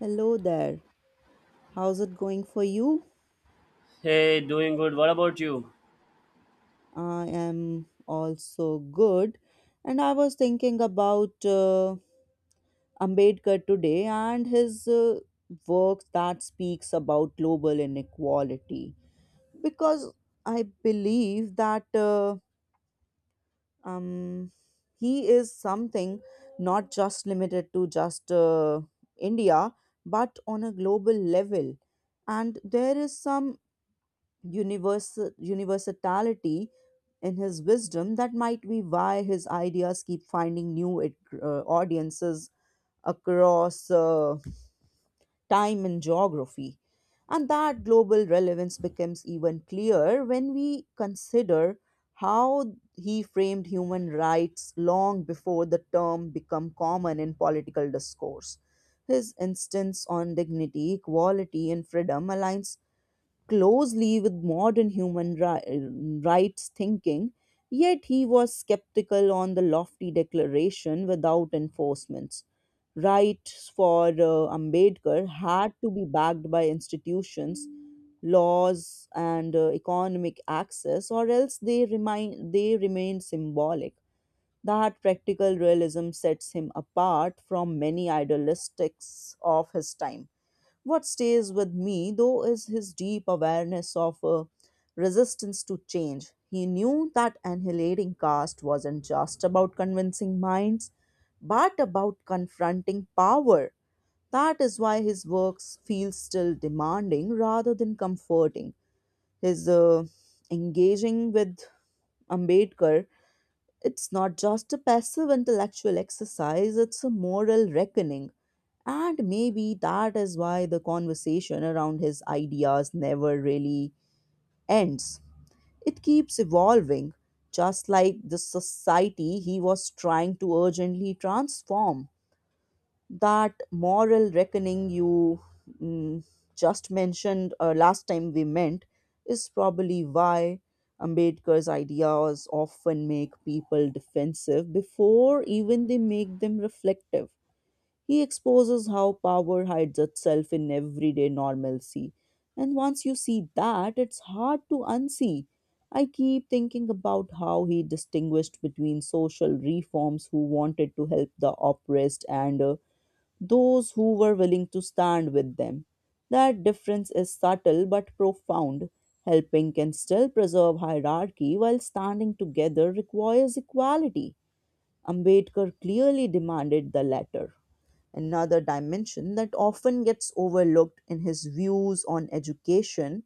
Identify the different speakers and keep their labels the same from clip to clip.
Speaker 1: Hello there. How's it going for you?
Speaker 2: Hey, doing good. What about you?
Speaker 1: I am also good. And I was thinking about Ambedkar today and his work that speaks about global inequality because I believe that um, he is something not just limited to just India but on a global level. And there is some universality in his wisdom that might be why his ideas keep finding new audiences across time and geography, and that global relevance becomes even clearer when we consider how he framed human rights long before the term became common in political discourse. His instance on dignity, equality and freedom aligns closely with modern rights thinking, yet he was skeptical on the lofty declaration without enforcements. Rights for Ambedkar had to be backed by institutions, laws, and economic access, or else they remain symbolic. That practical realism sets him apart from many idealistics of his time. What stays with me, though, is his deep awareness of resistance to change. He knew that annihilating caste wasn't just about convincing minds, but about confronting power. That is why his works feel still demanding rather than comforting. His engaging with Ambedkar, it's not just a passive intellectual exercise, it's a moral reckoning. And maybe that is why the conversation around his ideas never really ends. It keeps evolving, just like the society he was trying to urgently transform. That moral reckoning you mm, just mentioned last time we met is probably why Ambedkar's ideas often make people defensive before even they make them reflective. He exposes how power hides itself in everyday normalcy. And once you see that, it's hard to unsee. I keep thinking about how he distinguished between social reforms who wanted to help the oppressed and those who were willing to stand with them. That difference is subtle but profound. Helping can still preserve hierarchy, while standing together requires equality. Ambedkar clearly demanded the latter. Another dimension that often gets overlooked in his views on education.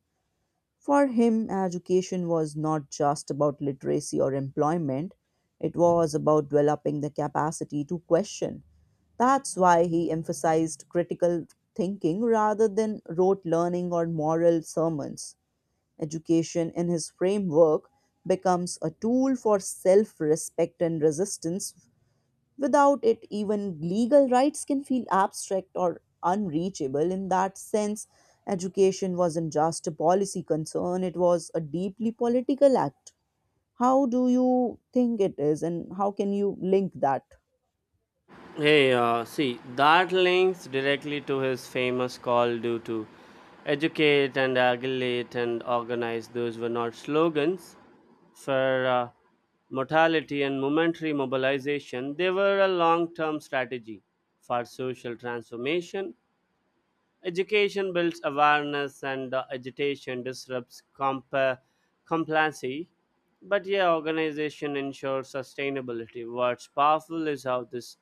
Speaker 1: For him, education was not just about literacy or employment, it was about developing the capacity to question. That's why he emphasized critical thinking rather than rote learning or moral sermons. Education, in his framework, becomes a tool for self respect and resistance. Without it, even legal rights can feel abstract or unreachable. In that sense, education wasn't just a policy concern, it was a deeply political act. How do you think it is, and how can you link that?
Speaker 2: Hey, see, that links directly to his famous call due to educate and aggregate and organize. Those were not slogans for mortality and momentary mobilization. They were a long term strategy for social transformation. Education builds awareness, and agitation disrupts complacency. But yeah, organization ensures sustainability. What's powerful is how this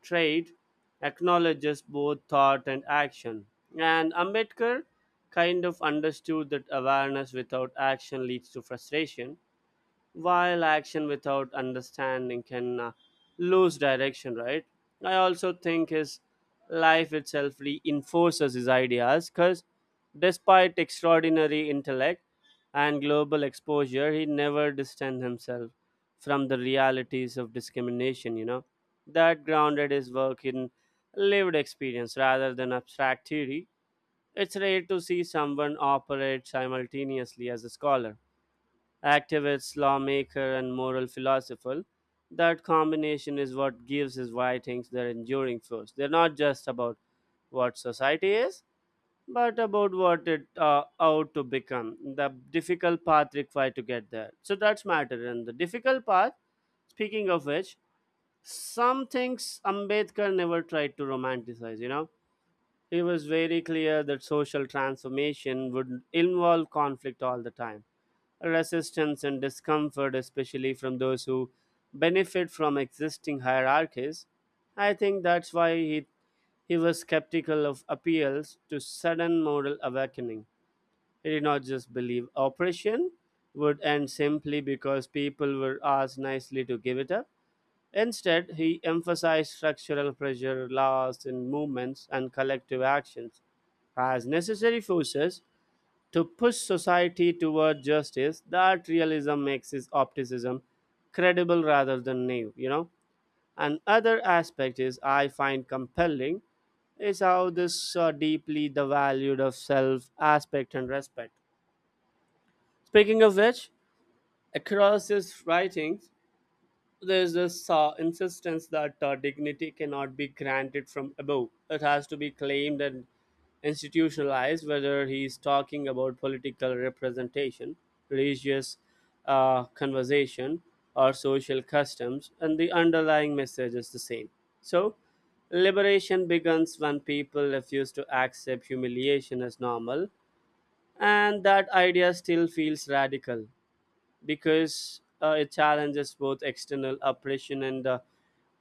Speaker 2: trade acknowledges both thought and action. And Ambedkar kind of understood that awareness without action leads to frustration, while action without understanding can lose direction, right? I also think his life itself reinforces his ideas, because despite extraordinary intellect and global exposure, he never distanced himself from the realities of discrimination, you know, that grounded his work in lived experience rather than abstract theory. It's rare to see someone operate simultaneously as a scholar, activist, lawmaker, and moral philosopher. That combination is what gives his writings their enduring force. They're not just about what society is, but about what it ought to become. The difficult path required to get there. So that's matter. And the difficult path, speaking of which, some things Ambedkar never tried to romanticize, you know, he was very clear that social transformation would involve conflict all the time, resistance and discomfort, especially from those who benefit from existing hierarchies. I think that's why he was skeptical of appeals to sudden moral awakening. He did not just believe oppression would end simply because people were asked nicely to give it up. Instead, he emphasized structural pressure, laws in movements, and collective actions as necessary forces to push society toward justice. That realism makes his optimism credible rather than naive, you know. And other aspect is I find compelling is how this deeply the valued of self aspect and respect. Speaking of which, across his writings, there's this insistence that dignity cannot be granted from above. It has to be claimed and institutionalized, whether he's talking about political representation, religious conversation, or social customs, and the underlying message is the same. So, liberation begins when people refuse to accept humiliation as normal, and that idea still feels radical because it challenges both external oppression and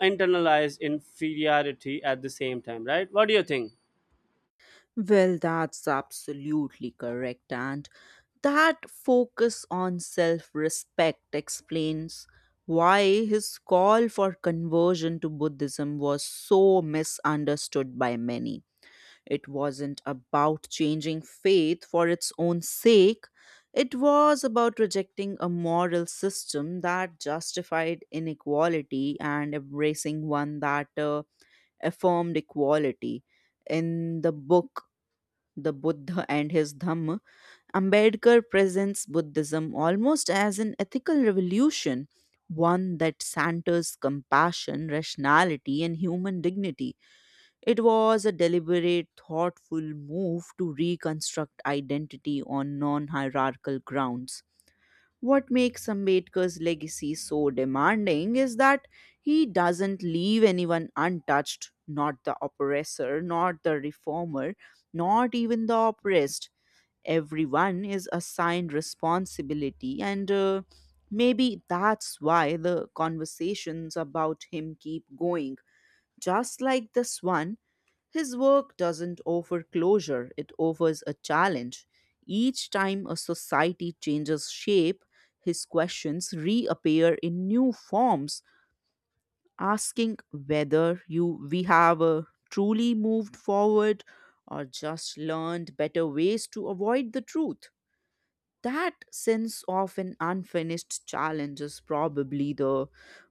Speaker 2: internalized inferiority at the same time, right? What do you think?
Speaker 1: Well, that's absolutely correct. And that focus on self respect explains why his call for conversion to Buddhism was so misunderstood by many. It wasn't about changing faith for its own sake. It was about rejecting a moral system that justified inequality and embracing one that affirmed equality. In the book, The Buddha and His Dhamma, Ambedkar presents Buddhism almost as an ethical revolution, one that centers compassion, rationality, and human dignity. It was a deliberate, thoughtful move to reconstruct identity on non hierarchical grounds. What makes Ambedkar's legacy so demanding is that he doesn't leave anyone untouched, not the oppressor, not the reformer, not even the oppressed. Everyone is assigned responsibility, and maybe that's why the conversations about him keep going, just like this one. His work doesn't offer closure, it offers a challenge. Each time a society changes shape, his questions reappear in new forms, asking whether you we have truly moved forward or just learned better ways to avoid the truth. That sense of an unfinished challenge is probably the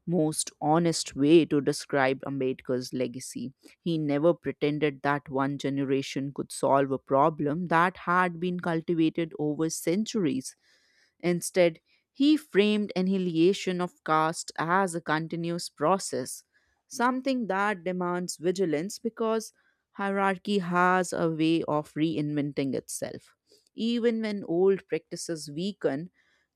Speaker 1: most honest way to describe Ambedkar's legacy. He never pretended that one generation could solve a problem that had been cultivated over centuries. Instead, he framed annihilation of caste as a continuous process, something that demands vigilance because hierarchy has a way of reinventing itself. Even when old practices weaken,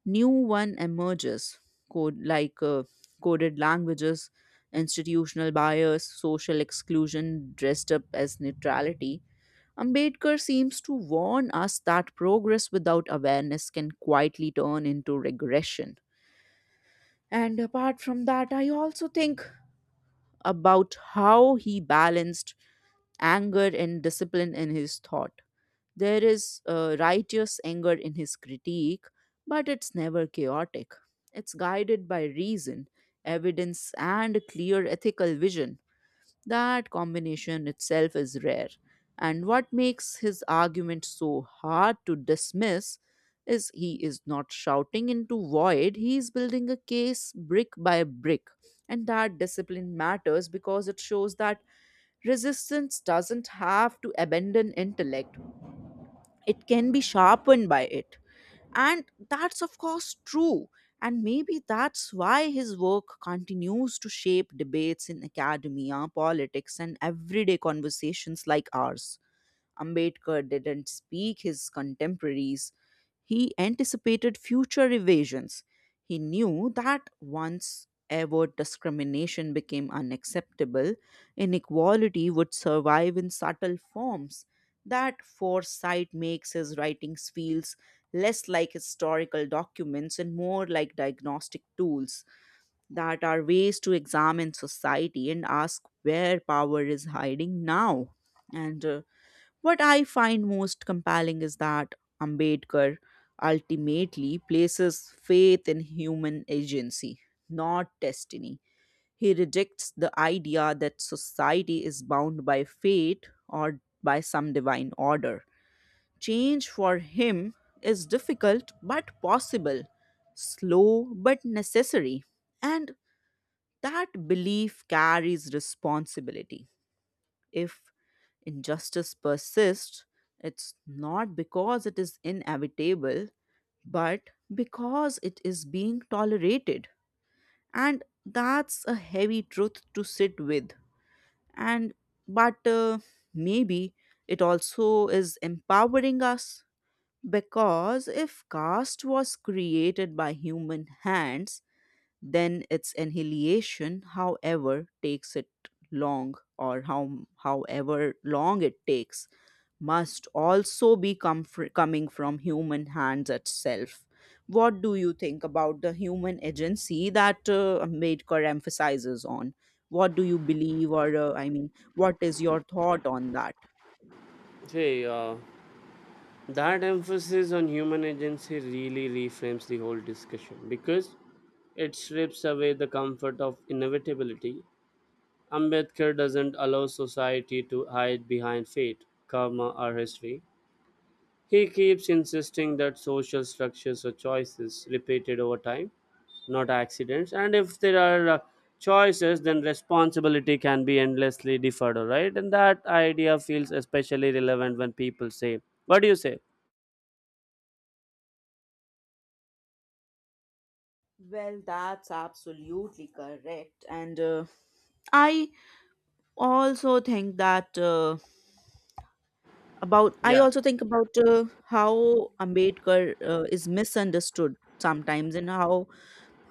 Speaker 1: new one emerges, code like uh, coded languages, institutional bias, social exclusion dressed up as neutrality. Ambedkar seems to warn us that progress without awareness can quietly turn into regression. And apart from that, I also think about how he balanced anger and discipline in his thought. There is righteous anger in his critique, but it's never chaotic. It's guided by reason, evidence, and clear ethical vision. That combination itself is rare, and what makes his argument so hard to dismiss is he is not shouting into void, he is building a case brick by brick. And that discipline matters because it shows that resistance doesn't have to abandon intellect, it can be sharpened by it. And that's, of course, true. And maybe that's why his work continues to shape debates in academia, politics, and everyday conversations like ours. Ambedkar didn't speak his contemporaries. He anticipated future evasions. He knew that once ever discrimination became unacceptable, inequality would survive in subtle forms. That foresight makes his writings feels less like historical documents and more like diagnostic tools, that are ways to examine society and ask where power is hiding now. And what I find most compelling is that Ambedkar ultimately places faith in human agency, not destiny. He rejects the idea that society is bound by fate or by some divine order. Change for him is difficult but possible, slow but necessary, and that belief carries responsibility. If injustice persists, it's not because it is inevitable, but because it is being tolerated. And that's a heavy truth to sit with. And but maybe it also is empowering us, because if caste was created by human hands, then its annihilation, however takes it long or how however long it takes, must also be coming from human hands itself. What do you think about the human agency that Ambedkar emphasizes on? What do you believe, or I mean, what is your thought on that?
Speaker 2: Hey, that emphasis on human agency really reframes the whole discussion, because it strips away the comfort of inevitability. Ambedkar doesn't allow society to hide behind fate, karma, or history. He keeps insisting that social structures are choices repeated over time, not accidents. And if there are choices, then responsibility can be endlessly deferred, right? And that idea feels especially relevant when people say, what do you say?
Speaker 1: Well, that's absolutely correct, and i also think that uh, I
Speaker 2: Yeah.
Speaker 1: also think about how Ambedkar is misunderstood sometimes, and how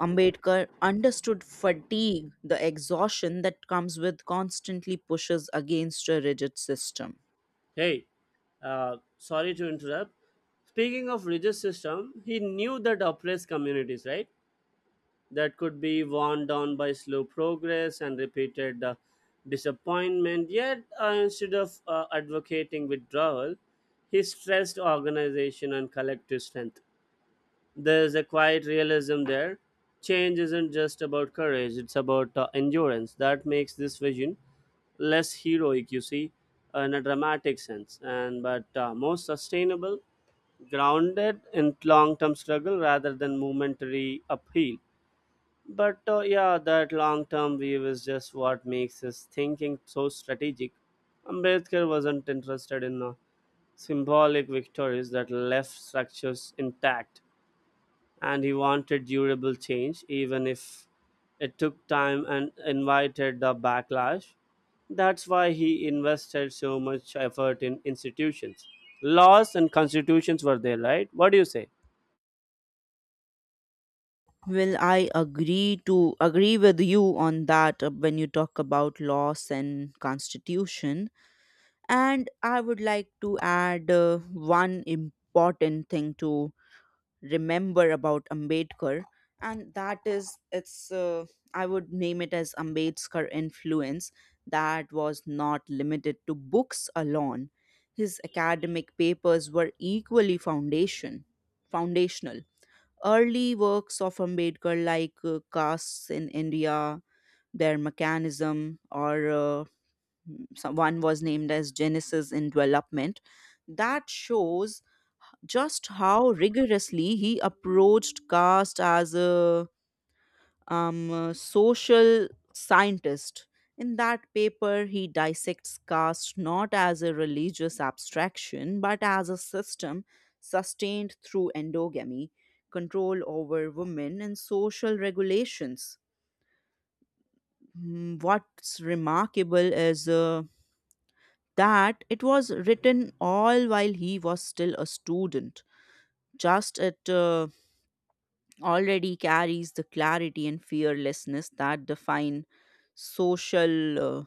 Speaker 1: Ambedkar understood fatigue, the exhaustion that comes with constantly pushes against a rigid system.
Speaker 2: Hey, sorry to interrupt. Speaking of religious system, he knew that oppressed communities, right? That could be worn down by slow progress and repeated disappointment. Yet, instead of advocating withdrawal, he stressed organization and collective strength. There is a quiet realism there. Change isn't just about courage, it's about endurance. That makes this vision less heroic, you see, in a dramatic sense, and but more sustainable, grounded in long term struggle rather than momentary upheal. But yeah, that long term view is just what makes his thinking so strategic. Ambedkar wasn't interested in symbolic victories that left structures intact, and he wanted durable change, even if it took time and invited the backlash. That's why he invested so much effort in institutions. Laws and constitutions were there, right? What do you say?
Speaker 1: Well, I agree to agree with you on that when you talk about laws and constitution. And I would like to add one important thing to remember about Ambedkar, and that is I would name it as Ambedkar influence that was not limited to books alone. His academic papers were equally foundational. Early works of Ambedkar, like Castes in India, their mechanism, or one was named as Genesis in Development. That shows just how rigorously he approached caste as a social scientist. In that paper, he dissects caste not as a religious abstraction but as a system sustained through endogamy, control over women, and social regulations. Mm, what's remarkable is that it was written all while he was still a student. Just it already carries the clarity and fearlessness that social uh,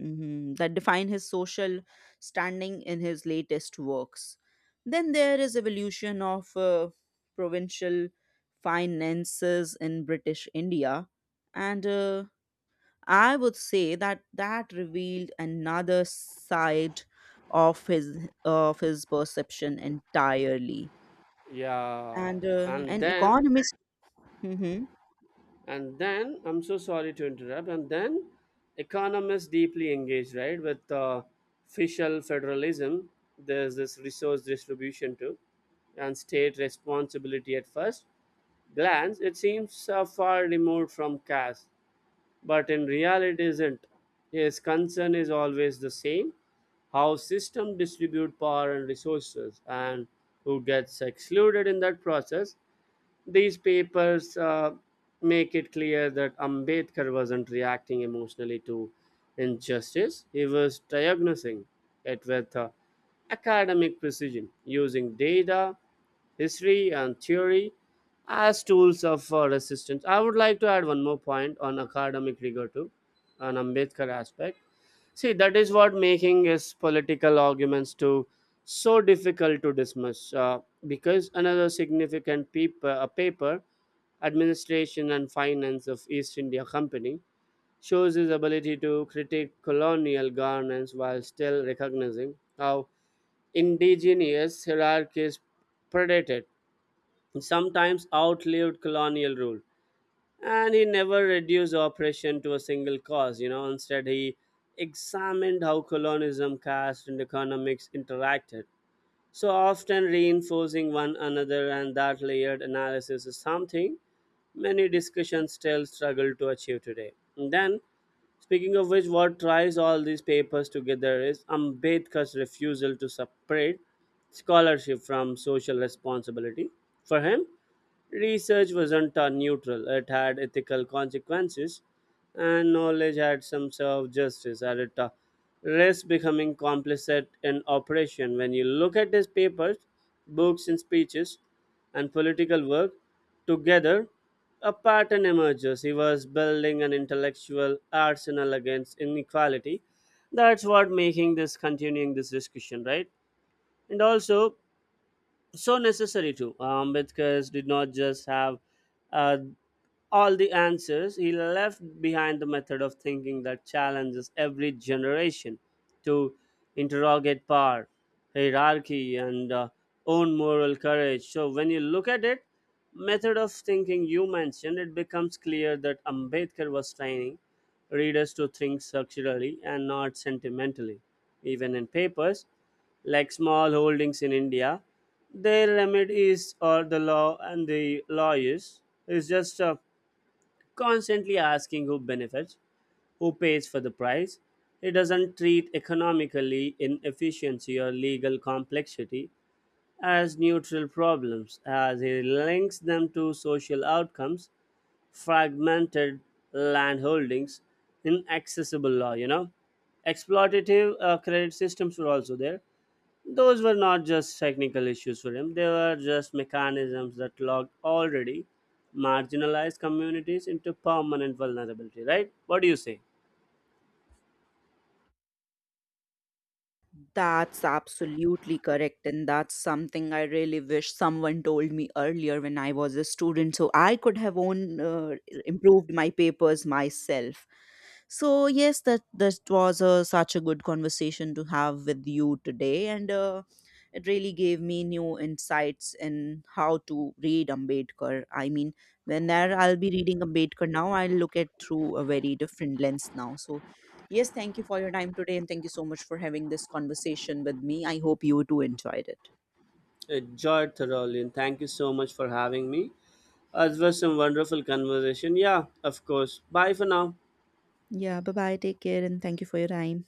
Speaker 1: mhm, that define his social standing in his latest works. Then there is evolution of provincial finances in British India, and I would say that that revealed another side of his perception entirely.
Speaker 2: Yeah,
Speaker 1: And
Speaker 2: and
Speaker 1: an
Speaker 2: then
Speaker 1: economist. Mhm.
Speaker 2: and then I'm so sorry to interrupt. And then economists deeply engaged, right, with fiscal federalism. There's this resource distribution too, and state responsibility. At first glance it seems far removed from caste, but in reality it isn't. His concern is always the same: how system distribute power and resources, and who gets excluded in that process. These papers make it clear that Ambedkar wasn't reacting emotionally to injustice, he was diagnosing it with academic precision, using data, history, and theory as tools of resistance. I would like to add one more point on academic rigor too, an Ambedkar aspect. See, that is what making his political arguments to so difficult to dismiss, because another significant paper, Administration and Finance of East India Company, shows his ability to critique colonial governance while still recognizing how indigenous hierarchies predated and sometimes outlived colonial rule. And he never reduced oppression to a single cause, you know. Instead, he examined how colonialism, caste, and economics interacted, so often reinforcing one another, and that layered analysis is something many discussions still struggle to achieve today. And then, speaking of which, what ties all these papers together is Ambedkar's refusal to separate scholarship from social responsibility. For him, research wasn't neutral, it had ethical consequences, and knowledge had some sort of justice at it. Risk becoming complicit in operation. When you look at his papers, books, and speeches, and political work together, a pattern emerges. He was building an intellectual arsenal against inequality. That's what making this continuing this discussion, right? And also, so necessary too. Ambedkar did not just have uh, all the answers, he left behind the method of thinking that challenges every generation to interrogate power, hierarchy, and own moral courage. So, when you look at it, method of thinking you mentioned, it becomes clear that Ambedkar was training readers to think structurally and not sentimentally. Even in papers like Small Holdings in India, their remit is, or The Law and the Lawyers, is just a constantly asking who benefits, who pays for the price. It doesn't treat economically inefficiency or legal complexity as neutral problems, as it links them to social outcomes: fragmented landholdings, inaccessible law, you know. Exploitative credit systems were also there. Those were not just technical issues for him, they were just mechanisms that locked already marginalized communities into permanent vulnerability, right? What do you say?
Speaker 1: That's absolutely correct. And that's something I really wish someone told me earlier when I was a student, so I could have own improved my papers myself. So yes, that was such a good conversation to have with you today, and it really gave me new insights in how to read Ambedkar. I mean, when there I'll be reading Ambedkar now, I'll look at through a very different lens now. So yes, thank you for your time today, and thank you so much for having this conversation with me. I hope you too enjoyed it.
Speaker 2: Enjoyed thoroughly, and thank you so much for having me. It was some wonderful conversation. Yeah, of course. Bye for now.
Speaker 1: Yeah, bye bye. Take care and thank you for your time.